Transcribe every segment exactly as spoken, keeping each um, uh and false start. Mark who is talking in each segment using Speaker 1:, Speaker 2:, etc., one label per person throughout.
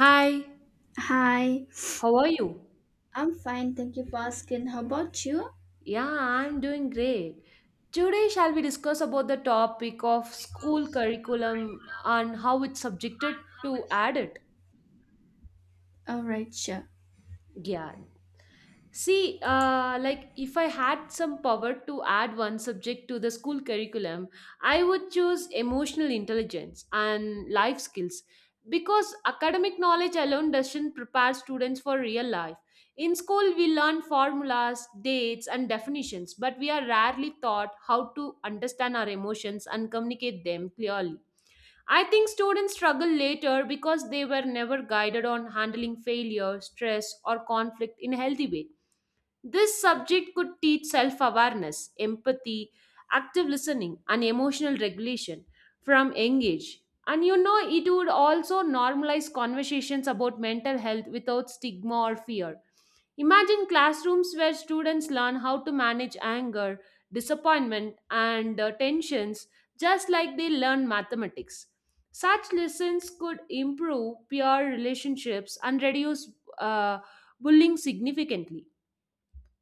Speaker 1: Hi,
Speaker 2: Hi,
Speaker 1: how are you?
Speaker 2: I'm fine. Thank you for asking. How about you?
Speaker 1: Yeah, I'm doing great. Today shall we discuss about the topic of school curriculum and how it's subjected to add it?
Speaker 2: All right, sure.
Speaker 1: Yeah. See, uh, like if I had some power to add one subject to the school curriculum, I would choose emotional intelligence and life skills because academic knowledge alone doesn't prepare students for real life. In school, we learn formulas, dates, and definitions, but we are rarely taught how to understand our emotions and communicate them clearly. I think students struggle later because they were never guided on handling failure, stress, or conflict in a healthy way. This subject could teach self awareness, empathy, active listening, and emotional regulation from young age. And you know, it would also normalize conversations about mental health without stigma or fear. Imagine classrooms where students learn how to manage anger, disappointment, and uh, tensions just like they learn mathematics. Such lessons could improve peer relationships and reduce uh, bullying significantly.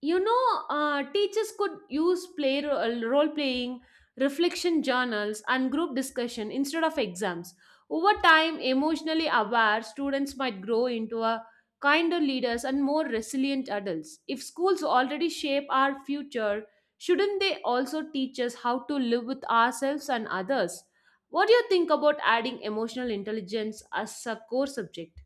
Speaker 1: You know, uh, teachers could use play role playing, reflection journals and group discussion instead of exams. Over time, emotionally aware students might grow into a kinder leaders and more resilient adults. If schools already shape our future, shouldn't they also teach us how to live with ourselves and others? What do you think about adding emotional intelligence as a core subject?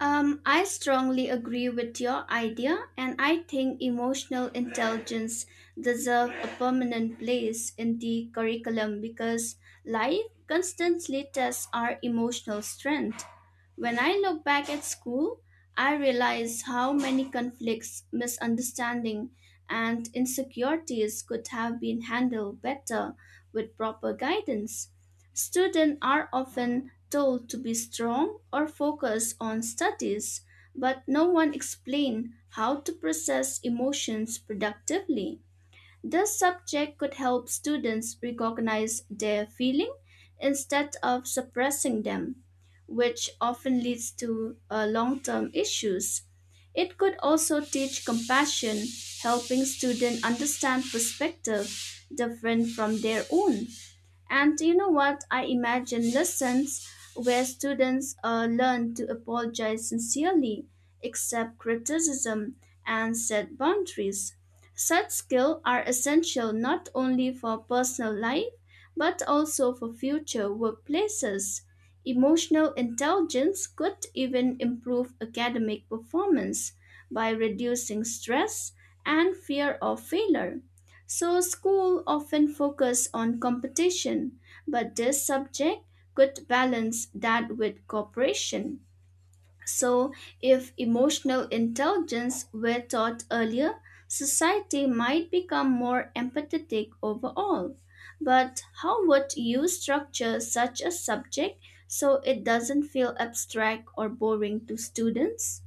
Speaker 2: Um, I strongly agree with your idea, and I think emotional intelligence deserves a permanent place in the curriculum because life constantly tests our emotional strength. When I look back at school, I realize how many conflicts, misunderstanding, and insecurities could have been handled better with proper guidance. Students are often told to be strong or focus on studies, but no one explains how to process emotions productively. This subject could help students recognize their feeling instead of suppressing them, which often leads to uh, long-term issues. It could also teach compassion, helping students understand perspective different from their own. And you know what? I imagine lessons where students uh, learn to apologize sincerely, accept criticism, and set boundaries. Such skills are essential not only for personal life, but also for future workplaces. Emotional intelligence could even improve academic performance by reducing stress and fear of failure. So school often focus on competition, but this subject could balance that with cooperation. So, if emotional intelligence were taught earlier, society might become more empathetic overall. But how would you structure such a subject so it doesn't feel abstract or boring to students?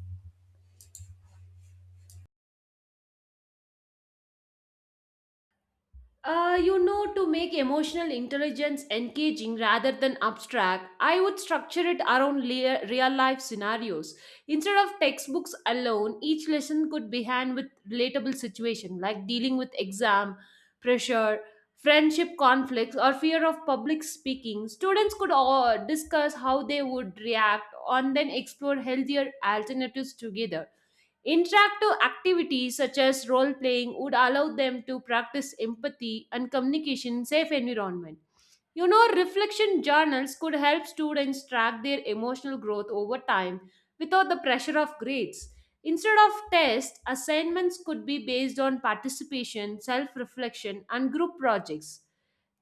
Speaker 1: Uh, you know, to make emotional intelligence engaging rather than abstract, I would structure it around lea- real life scenarios. Instead of textbooks alone, each lesson could be hand with relatable situation like dealing with exam pressure, friendship conflicts, or fear of public speaking. Students could all discuss how they would react and then explore healthier alternatives together. Interactive activities such as role playing would allow them to practice empathy and communication in safe environment. You know, reflection journals could help students track their emotional growth over time without the pressure of grades. Instead of tests, assignments could be based on participation, self reflection, and group projects.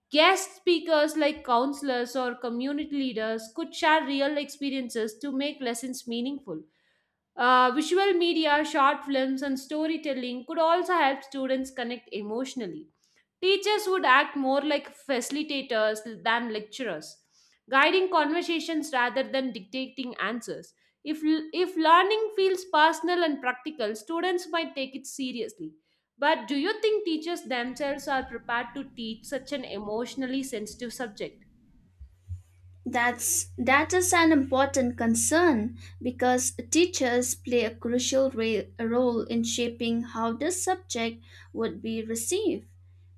Speaker 1: Guest speakers like counselors or community leaders could share real experiences to make lessons meaningful. Uh, visual media, short films, and storytelling could also help students connect emotionally. Teachers would act more like facilitators than lecturers, guiding conversations rather than dictating answers. If, if learning feels personal and practical, students might take it seriously. But do you think teachers themselves are prepared to teach such an emotionally sensitive subject?
Speaker 2: That's that is an important concern because teachers play a crucial ra- role in shaping how the subject would be received.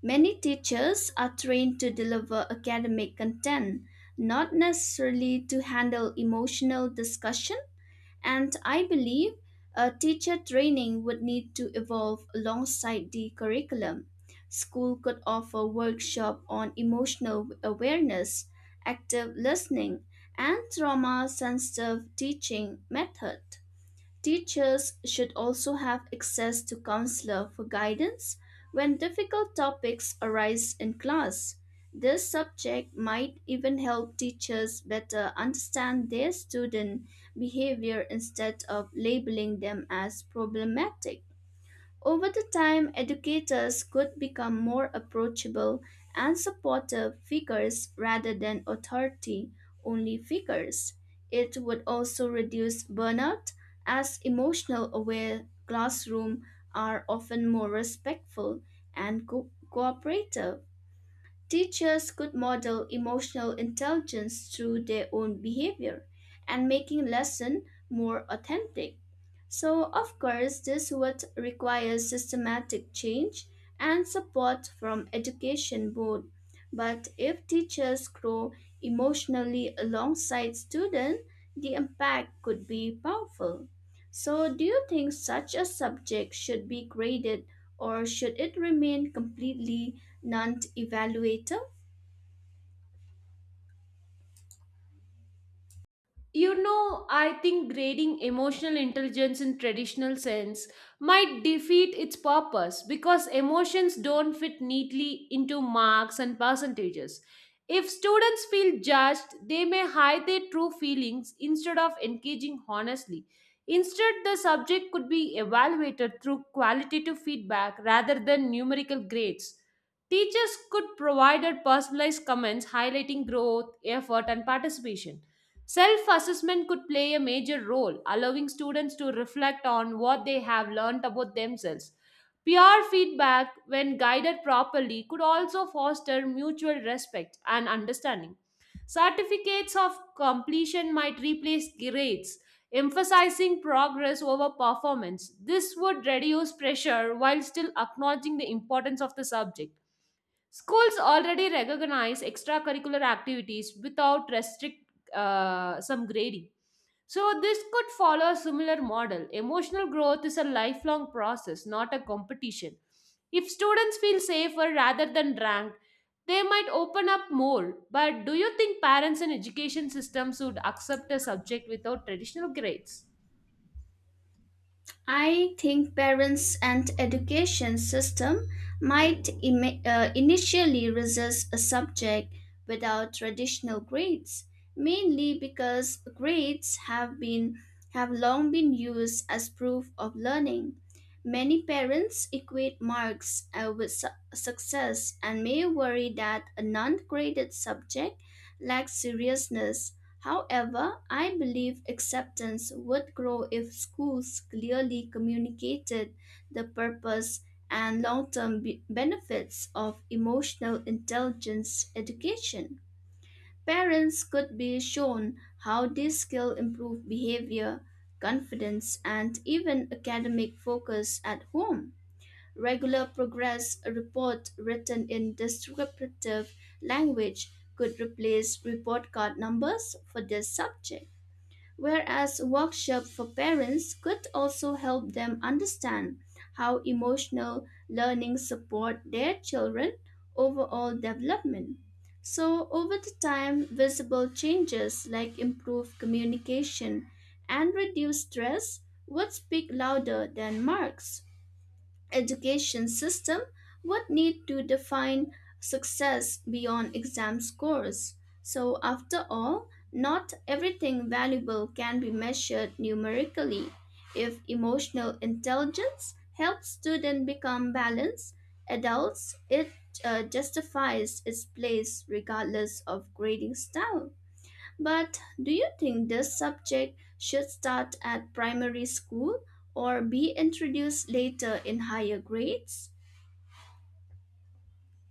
Speaker 2: Many teachers are trained to deliver academic content, not necessarily to handle emotional discussion, and I believe uh, teacher training would need to evolve alongside the curriculum. School could offer workshop on emotional awareness, active listening, and trauma sensitive teaching method. Teachers should also have access to counselor for guidance when difficult topics arise in class. This subject might even help teachers better understand their student behavior instead of labeling them as problematic. Over the time, educators could become more approachable and supportive figures rather than authority only figures. It would also reduce burnout as emotional aware classrooms are often more respectful and co- cooperative. Teachers could model emotional intelligence through their own behavior and making lesson more authentic. So of course this would require systematic change and support from education board. But if teachers grow emotionally alongside students, the impact could be powerful. So, do you think such a subject should be graded or should it remain completely non evaluative?
Speaker 1: You know, I think grading emotional intelligence in traditional sense might defeat its purpose because emotions don't fit neatly into marks and percentages. If students feel judged, they may hide their true feelings instead of engaging honestly. Instead, the subject could be evaluated through qualitative feedback rather than numerical grades. Teachers could provide personalized comments highlighting growth, effort, and participation. Self assessment could play a major role, allowing students to reflect on what they have learned about themselves. Peer feedback, when guided properly, could also foster mutual respect and understanding. Certificates of completion might replace grades, emphasizing progress over performance. This would reduce pressure while still acknowledging the importance of the subject. Schools already recognize extracurricular activities without restrict uh, some grading. So this could follow a similar model. Emotional growth is a lifelong process, not a competition. If students feel safer rather than ranked, they might open up more. But do you think parents and education systems would accept a subject without traditional grades?
Speaker 2: I think parents and education system might imi- uh, initially resist a subject without traditional grades, mainly because grades have been have long been used as proof of learning. Many parents equate marks uh, with su- success and may worry that a non-graded subject lacks seriousness. However, I believe acceptance would grow if schools clearly communicated the purpose and long term benefits of emotional intelligence education. Parents could be shown how this skill improve behavior, confidence, and even academic focus at home. Regular progress report written in descriptive language could replace report card numbers for this subject, whereas workshops for parents could also help them understand how emotional learning support their children overall development. So over the time, visible changes like improved communication and reduced stress would speak louder than marks. Education system would need to define success beyond exam scores. So, after all, not everything valuable can be measured numerically. If emotional intelligence helps students become balanced adults, it uh, justifies its place regardless of grading style. But do you think this subject should start at primary school or be introduced later in higher grades?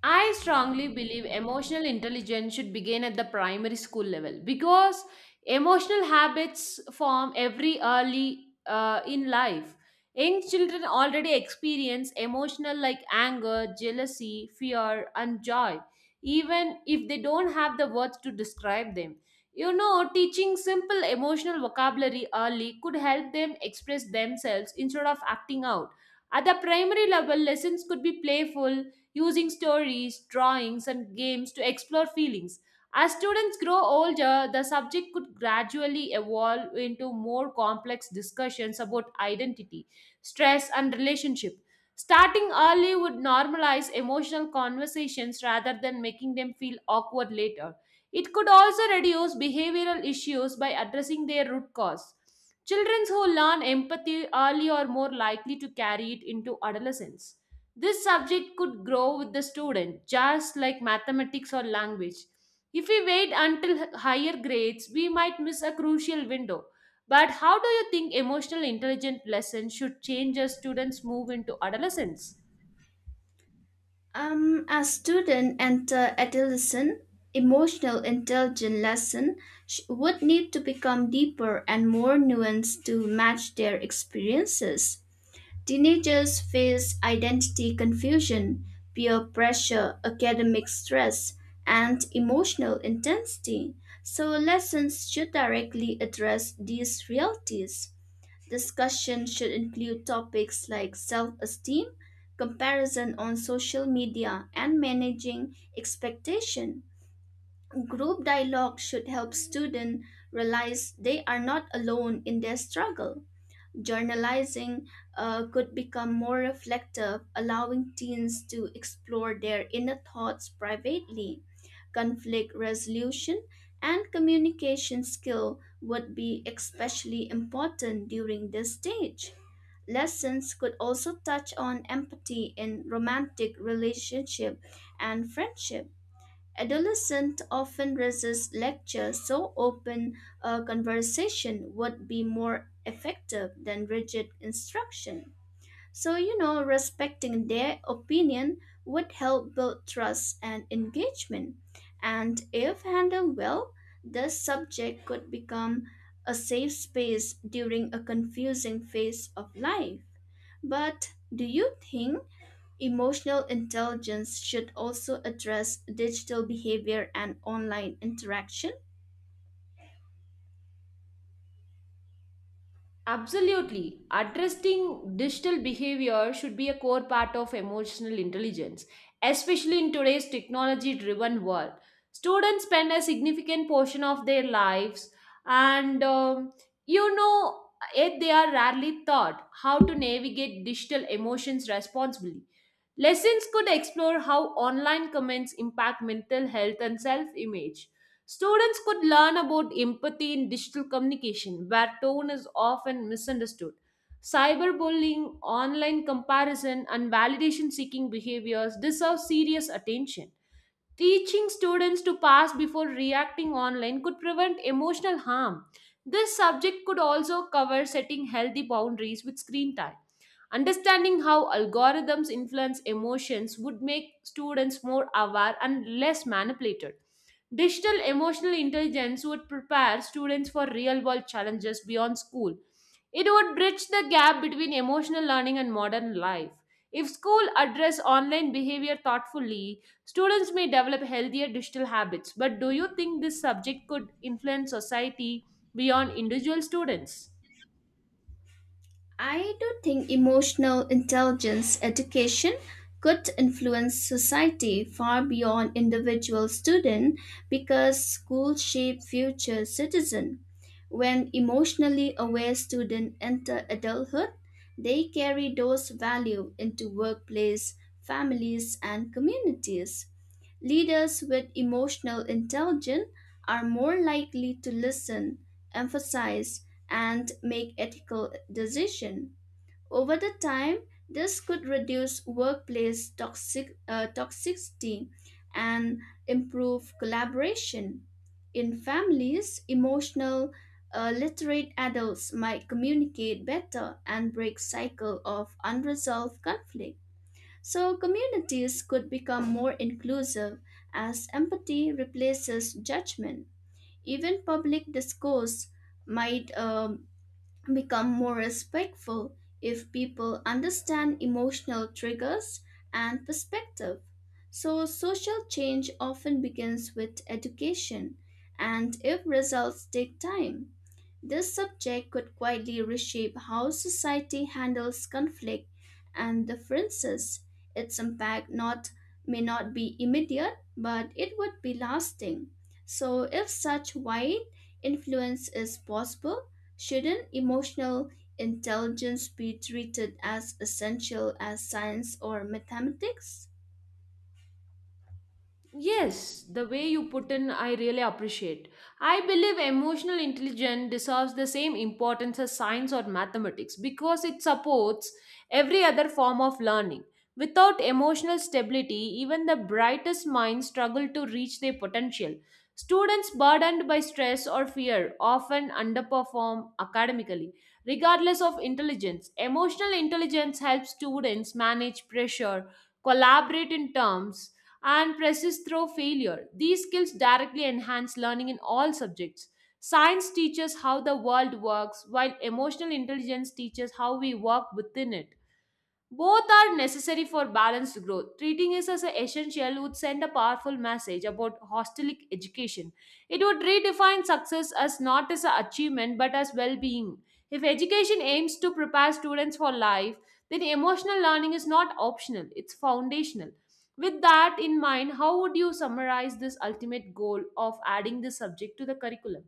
Speaker 1: I strongly believe emotional intelligence should begin at the primary school level because emotional habits form every early uh, in life. Young children already experience emotional like anger, jealousy, fear, and joy, even if they don't have the words to describe them. You know, teaching simple emotional vocabulary early could help them express themselves instead of acting out. At the primary level, lessons could be playful, using stories, drawings, and games to explore feelings. As students grow older, the subject could gradually evolve into more complex discussions about identity, stress, and relationship. Starting early would normalize emotional conversations rather than making them feel awkward later. It could also reduce behavioral issues by addressing their root cause. Children who learn empathy early are more likely to carry it into adolescence. This subject could grow with the student, just like mathematics or language. If we wait until h- higher grades, we might miss a crucial window. But how do you think emotional intelligence lessons should change as students move into adolescence?
Speaker 2: Um, as students enter adolescence, emotional intelligence lesson sh- would need to become deeper and more nuanced to match their experiences. Teenagers face identity confusion, peer pressure, academic stress, and emotional intensity, so lessons should directly address these realities. Discussion should include topics like self esteem, comparison on social media, and managing expectation. Group dialogue should help students realize they are not alone in their struggle. Journalizing uh, could become more reflective, allowing teens to explore their inner thoughts privately. Conflict resolution and communication skill would be especially important during this stage. Lessons could also touch on empathy in romantic relationship and friendship. Adolescents often resist lectures, so open a conversation would be more effective than rigid instruction. So, you know, respecting their opinion would help build trust and engagement. And if handled well, the subject could become a safe space during a confusing phase of life. But do you think emotional intelligence should also address digital behavior and online interaction?
Speaker 1: Absolutely. Addressing digital behavior should be a core part of emotional intelligence, especially in today's technology driven world. Students spend a significant portion of their lives, and um, you know, yet they are rarely taught how to navigate digital emotions responsibly. Lessons could explore how online comments impact mental health and self image. Students could learn about empathy in digital communication, where tone is often misunderstood. Cyberbullying, online comparison, and validation seeking behaviors deserve serious attention. Teaching students to pass before reacting online could prevent emotional harm. This subject could also cover setting healthy boundaries with screen time. Understanding how algorithms influence emotions would make students more aware and less manipulated. Digital emotional intelligence would prepare students for real world challenges beyond school. It would bridge the gap between emotional learning and modern life. If school address online behavior thoughtfully, students may develop healthier digital habits. But do you think this subject could influence society beyond individual students?
Speaker 2: I do think emotional intelligence education could influence society far beyond individual student because schools shape future citizen. When emotionally aware students enter adulthood, they carry those values into workplace, families, and communities. Leaders with emotional intelligence are more likely to listen, emphasize, and make ethical decisions. Over the time, this could reduce workplace toxic, uh, toxicity and improve collaboration. In families, emotional uh, literate adults might communicate better and break cycle of unresolved conflict. So, communities could become more inclusive as empathy replaces judgment. Even public discourse might um, become more respectful if people understand emotional triggers and perspective. So, social change often begins with education, and if results take time. This subject could quietly reshape how society handles conflict and differences. Its impact not may not be immediate, but it would be lasting. So if such wide influence is possible, shouldn't emotional intelligence be treated as essential as science or mathematics?
Speaker 1: Yes, the way you put in, I really appreciate. I believe emotional intelligence deserves the same importance as science or mathematics because it supports every other form of learning. Without emotional stability, even the brightest minds struggle to reach their potential. Students burdened by stress or fear often underperform academically. Regardless of intelligence, emotional intelligence helps students manage pressure, collaborate in terms, and persist through failure. These skills directly enhance learning in all subjects. Science teaches how the world works, while emotional intelligence teaches how we work within it. Both are necessary for balanced growth. Treating it as an essential would send a powerful message about holistic education. It would redefine success as not as an achievement but as well being. If education aims to prepare students for life, then emotional learning is not optional, it's foundational. With that in mind, how would you summarize this ultimate goal of adding this subject to the curriculum?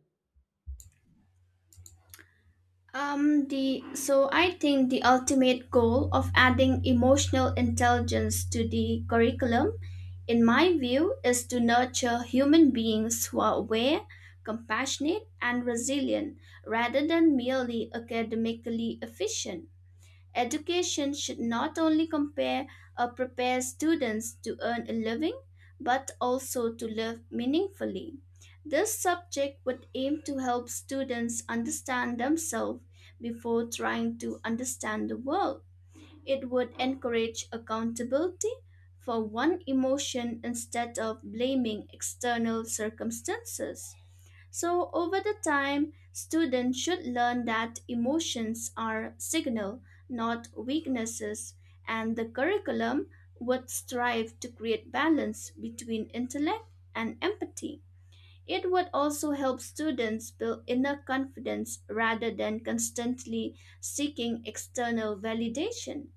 Speaker 2: Um, the so I think the ultimate goal of adding emotional intelligence to the curriculum, in my view, is to nurture human beings who are aware, compassionate, and resilient rather than merely academically efficient. Education should not only compare or prepare students to earn a living, but also to live meaningfully. This subject would aim to help students understand themselves before trying to understand the world. It would encourage accountability for one emotion instead of blaming external circumstances. So over the time, students should learn that emotions are signal, not weaknesses, and the curriculum would strive to create balance between intellect and empathy. It would also help students build inner confidence rather than constantly seeking external validation.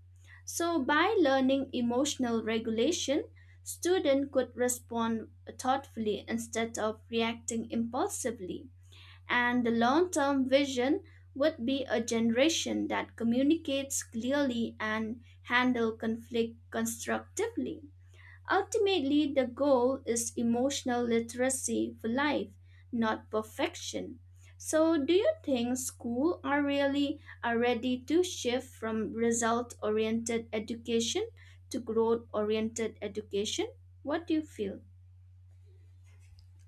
Speaker 2: So by learning emotional regulation, student could respond thoughtfully instead of reacting impulsively. And the long term vision would be a generation that communicates clearly and handle conflict constructively. Ultimately, the goal is emotional literacy for life, not perfection. So, do you think schools are really are ready to shift from result oriented education to growth oriented education? What do you feel?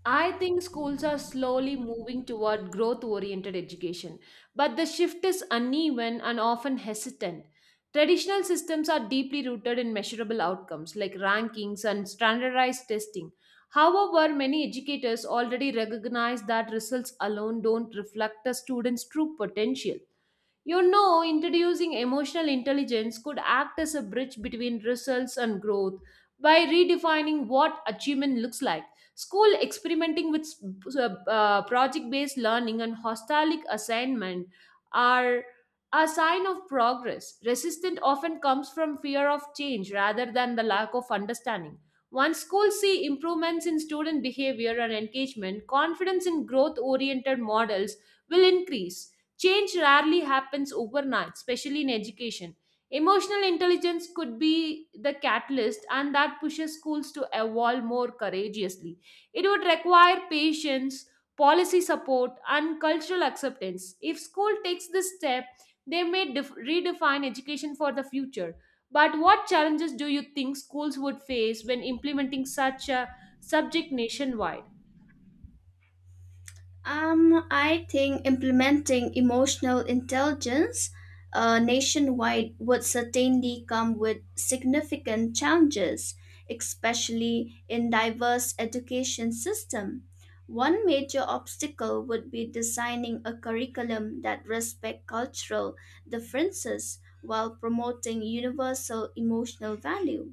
Speaker 1: I think schools are slowly moving toward growth oriented education, but the shift is uneven and often hesitant. Traditional systems are deeply rooted in measurable outcomes like rankings and standardized testing. However, many educators already recognize that results alone don't reflect a student's true potential. You know, introducing emotional intelligence could act as a bridge between results and growth by redefining what achievement looks like. School experimenting with project based learning and holistic assignment are a sign of progress. Resistance often comes from fear of change rather than the lack of understanding. Once schools see improvements in student behavior and engagement, confidence in growth oriented models will increase. Change rarely happens overnight, especially in education. Emotional intelligence could be the catalyst, and that pushes schools to evolve more courageously. It would require patience, policy support, and cultural acceptance. If school takes this step, they may def- redefine education for the future. But what challenges do you think schools would face when implementing such a subject nationwide?
Speaker 2: Um, I think implementing emotional intelligence uh, nationwide would certainly come with significant challenges, especially in diverse education system. One major obstacle would be designing a curriculum that respect cultural differences while promoting universal emotional value.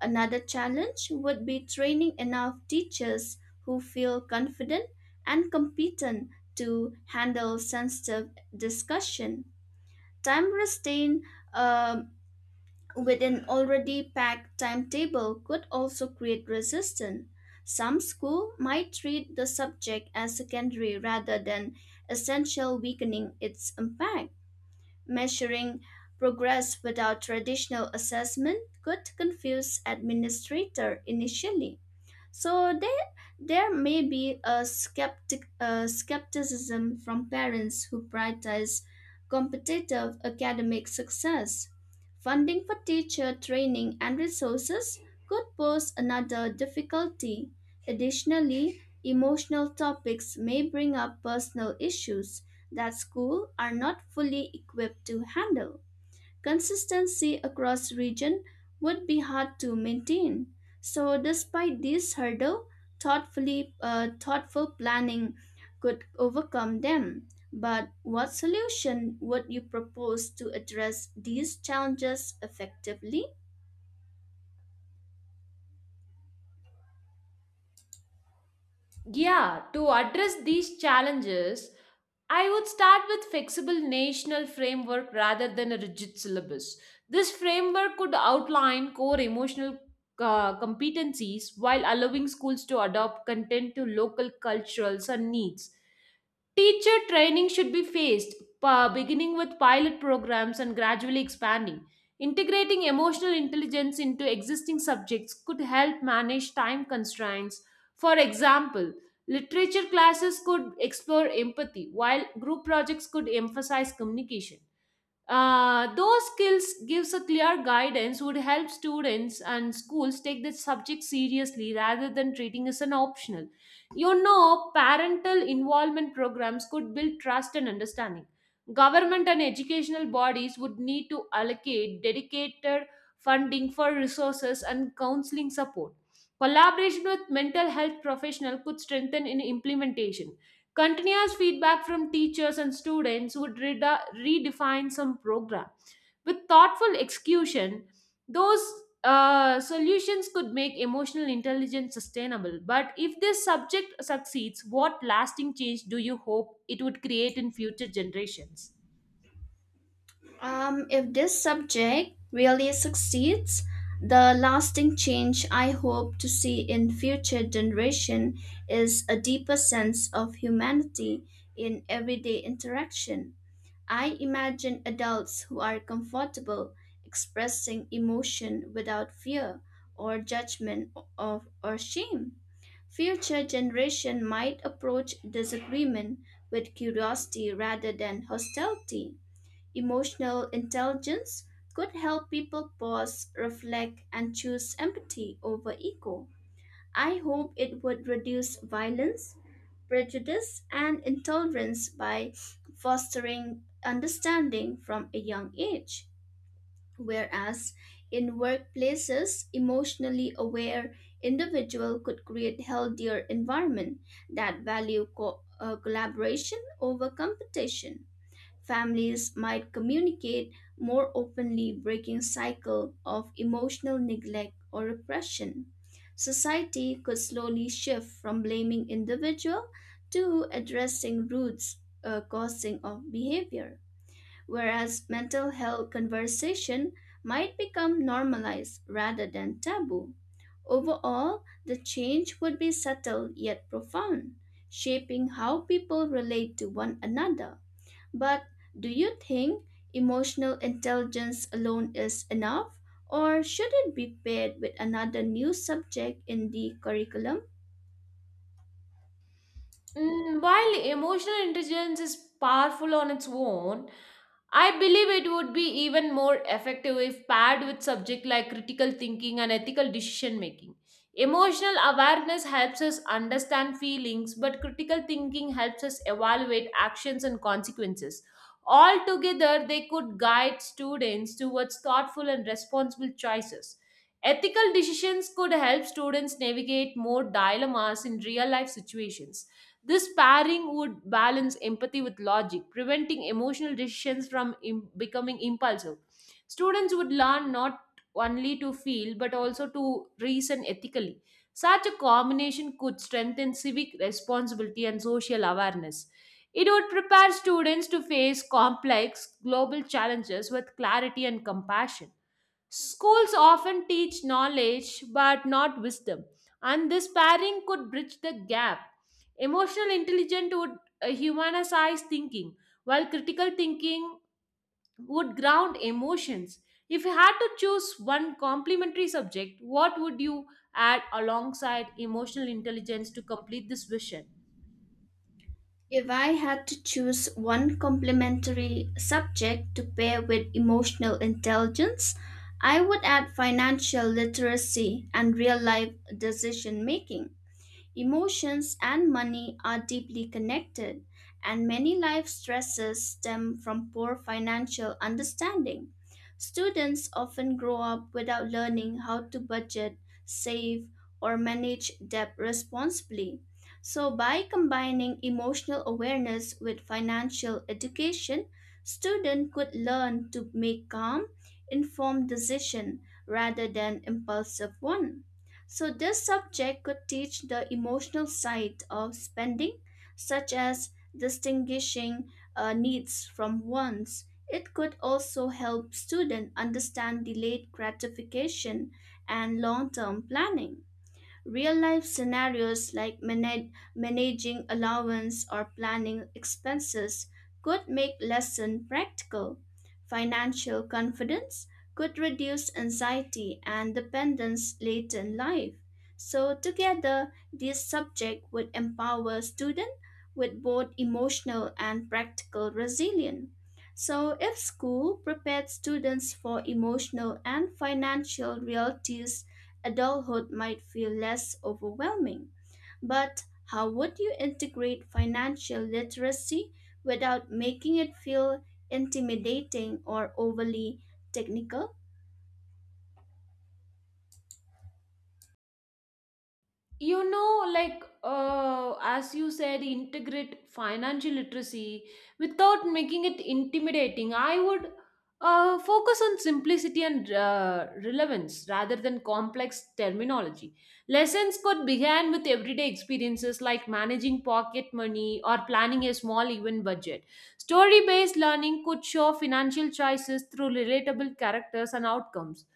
Speaker 2: Another challenge would be training enough teachers who feel confident and competent to handle sensitive discussion. Time restraint um, with an already packed timetable could also create resistance. Some school might treat the subject as secondary rather than essential, weakening its impact. Measuring progress without traditional assessment could confuse administrators initially. So there, there may be a skeptic uh, skepticism from parents who prioritize competitive academic success. Funding for teacher training and resources could pose another difficulty. Additionally, emotional topics may bring up personal issues that schools are not fully equipped to handle. Consistency across region would be hard to maintain. So despite this hurdle, thoughtfully uh, thoughtful planning could overcome them. But what solution would you propose to address these challenges effectively?
Speaker 1: Yeah, to address these challenges, I would start with flexible national framework rather than a rigid syllabus. This framework could outline core emotional uh, competencies while allowing schools to adopt content to local cultures and needs. Teacher training should be phased, pa- beginning with pilot programs and gradually expanding. Integrating emotional intelligence into existing subjects could help manage time constraints. For example, literature classes could explore empathy, while group projects could emphasize communication. Uh, those skills gives a clear guidance would help students and schools take the subject seriously rather than treating as an optional. You know, parental involvement programs could build trust and understanding. Government and educational bodies would need to allocate dedicated funding for resources and counseling support. Collaboration with mental health professional could strengthen in implementation. Continuous feedback from teachers and students would reda- redefine some program. With thoughtful execution, those uh, solutions could make emotional intelligence sustainable. But if this subject succeeds, what lasting change do you hope it would create in future generations?
Speaker 2: Um, if this subject really succeeds, the lasting change I hope to see in future generation is a deeper sense of humanity in everyday interaction. I imagine adults who are comfortable expressing emotion without fear or judgment of or shame. Future generation might approach disagreement with curiosity rather than hostility. Emotional intelligence could help people pause, reflect, and choose empathy over ego. I hope it would reduce violence, prejudice, and intolerance by fostering understanding from a young age. Whereas in workplaces, emotionally aware individual could create healthier environment that value co- uh, collaboration over competition. Families might communicate more openly, breaking cycle of emotional neglect or repression. Society could slowly shift from blaming individual to addressing roots uh, causing of behavior, whereas mental health conversation might become normalized rather than taboo. Overall, the change would be subtle yet profound, shaping how people relate to one another. But do you think emotional intelligence alone is enough, or should it be paired with another new subject in the curriculum?
Speaker 1: Mm, while emotional intelligence is powerful on its own, I believe it would be even more effective if paired with subject like critical thinking and ethical decision making. Emotional awareness helps us understand feelings, but critical thinking helps us evaluate actions and consequences. Altogether, they could guide students towards thoughtful and responsible choices. Ethical decisions could help students navigate more dilemmas in real life situations. This pairing would balance empathy with logic, preventing emotional decisions from im- becoming impulsive. Students would learn not only to feel but also to reason ethically. Such a combination could strengthen civic responsibility and social awareness. It would prepare students to face complex global challenges with clarity and compassion. Schools often teach knowledge but not wisdom, and this pairing could bridge the gap. Emotional intelligence would uh, humanize thinking, while critical thinking would ground emotions. If you had to choose one complementary subject, what would you add alongside emotional intelligence to complete this vision?
Speaker 2: If I had to choose one complementary subject to pair with emotional intelligence, I would add financial literacy and real life decision making. Emotions and money are deeply connected, and many life stresses stem from poor financial understanding. Students often grow up without learning how to budget, save, or manage debt responsibly. So, by combining emotional awareness with financial education, students could learn to make calm, informed decision rather than impulsive one. So, this subject could teach the emotional side of spending, such as distinguishing uh, needs from wants. It could also help students understand delayed gratification and long term planning. Real life scenarios like manag- managing allowance or planning expenses could make lesson practical. Financial confidence could reduce anxiety and dependence later in life. So together, this subject would empower students with both emotional and practical resilience. So if school prepared students for emotional and financial realities, adulthood might feel less overwhelming. But how would you integrate financial literacy without making it feel intimidating or overly technical?
Speaker 1: You know like uh, as you said, integrate financial literacy without making it intimidating, I would uh, focus on simplicity and uh, relevance rather than complex terminology. Lessons could begin with everyday experiences like managing pocket money or planning a small event budget. Story based learning could show financial choices through relatable characters and outcomes.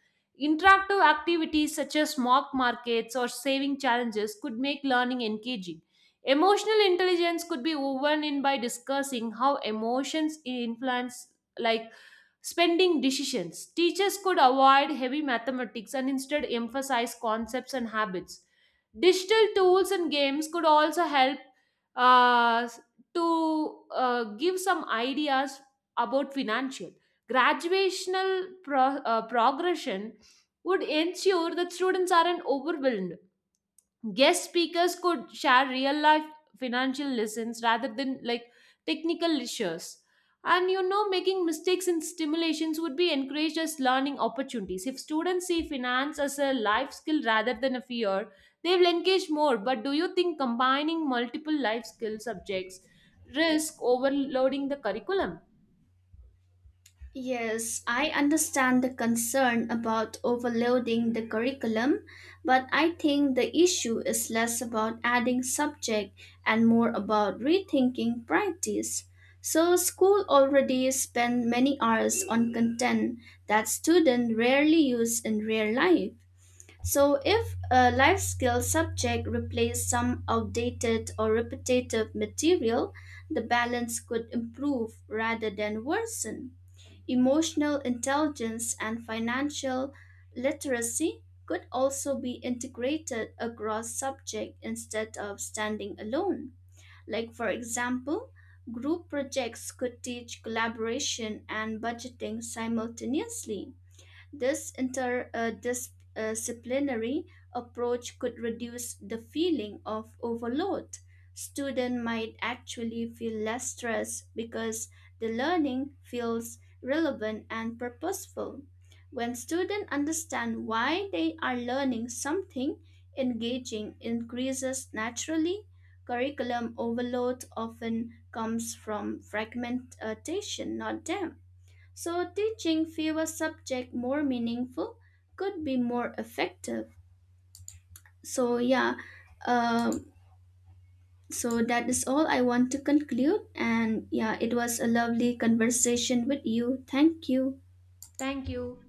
Speaker 1: Interactive activities such as mock markets or saving challenges could make learning engaging. Emotional intelligence could be woven in by discussing how emotions influence, like spending decisions. Teachers could avoid heavy mathematics and instead emphasize concepts and habits. Digital tools and games could also help, uh, to uh, give some ideas about financial graduational pro- uh, progression would ensure that students aren't overwhelmed. Guest speakers could share real life financial lessons rather than like technical lectures. And you know, making mistakes in stimulations would be encouraged as learning opportunities. If students see finance as a life skill rather than a fear, they will engage more. But do you think combining multiple life skill subjects risk overloading the curriculum?
Speaker 2: Yes, I understand the concern about overloading the curriculum, but I think the issue is less about adding subject and more about rethinking practice. So school already spend many hours on content that students rarely use in real life. So if a life skill subject replaced some outdated or repetitive material, the balance could improve rather than worsen. Emotional intelligence and financial literacy could also be integrated across subjects instead of standing alone. Like, for example, group projects could teach collaboration and budgeting simultaneously. This interdisciplinary approach could reduce the feeling of overload. Students might actually feel less stress because the learning feels relevant and purposeful. When students understand why they are learning something, engaging increases naturally. Curriculum overload often comes from fragmentation, not depth. So, teaching fewer subjects more meaningful could be more effective. So, yeah, um, so that is all I want to conclude. And yeah, it was a lovely conversation with you. Thank you.
Speaker 1: Thank you.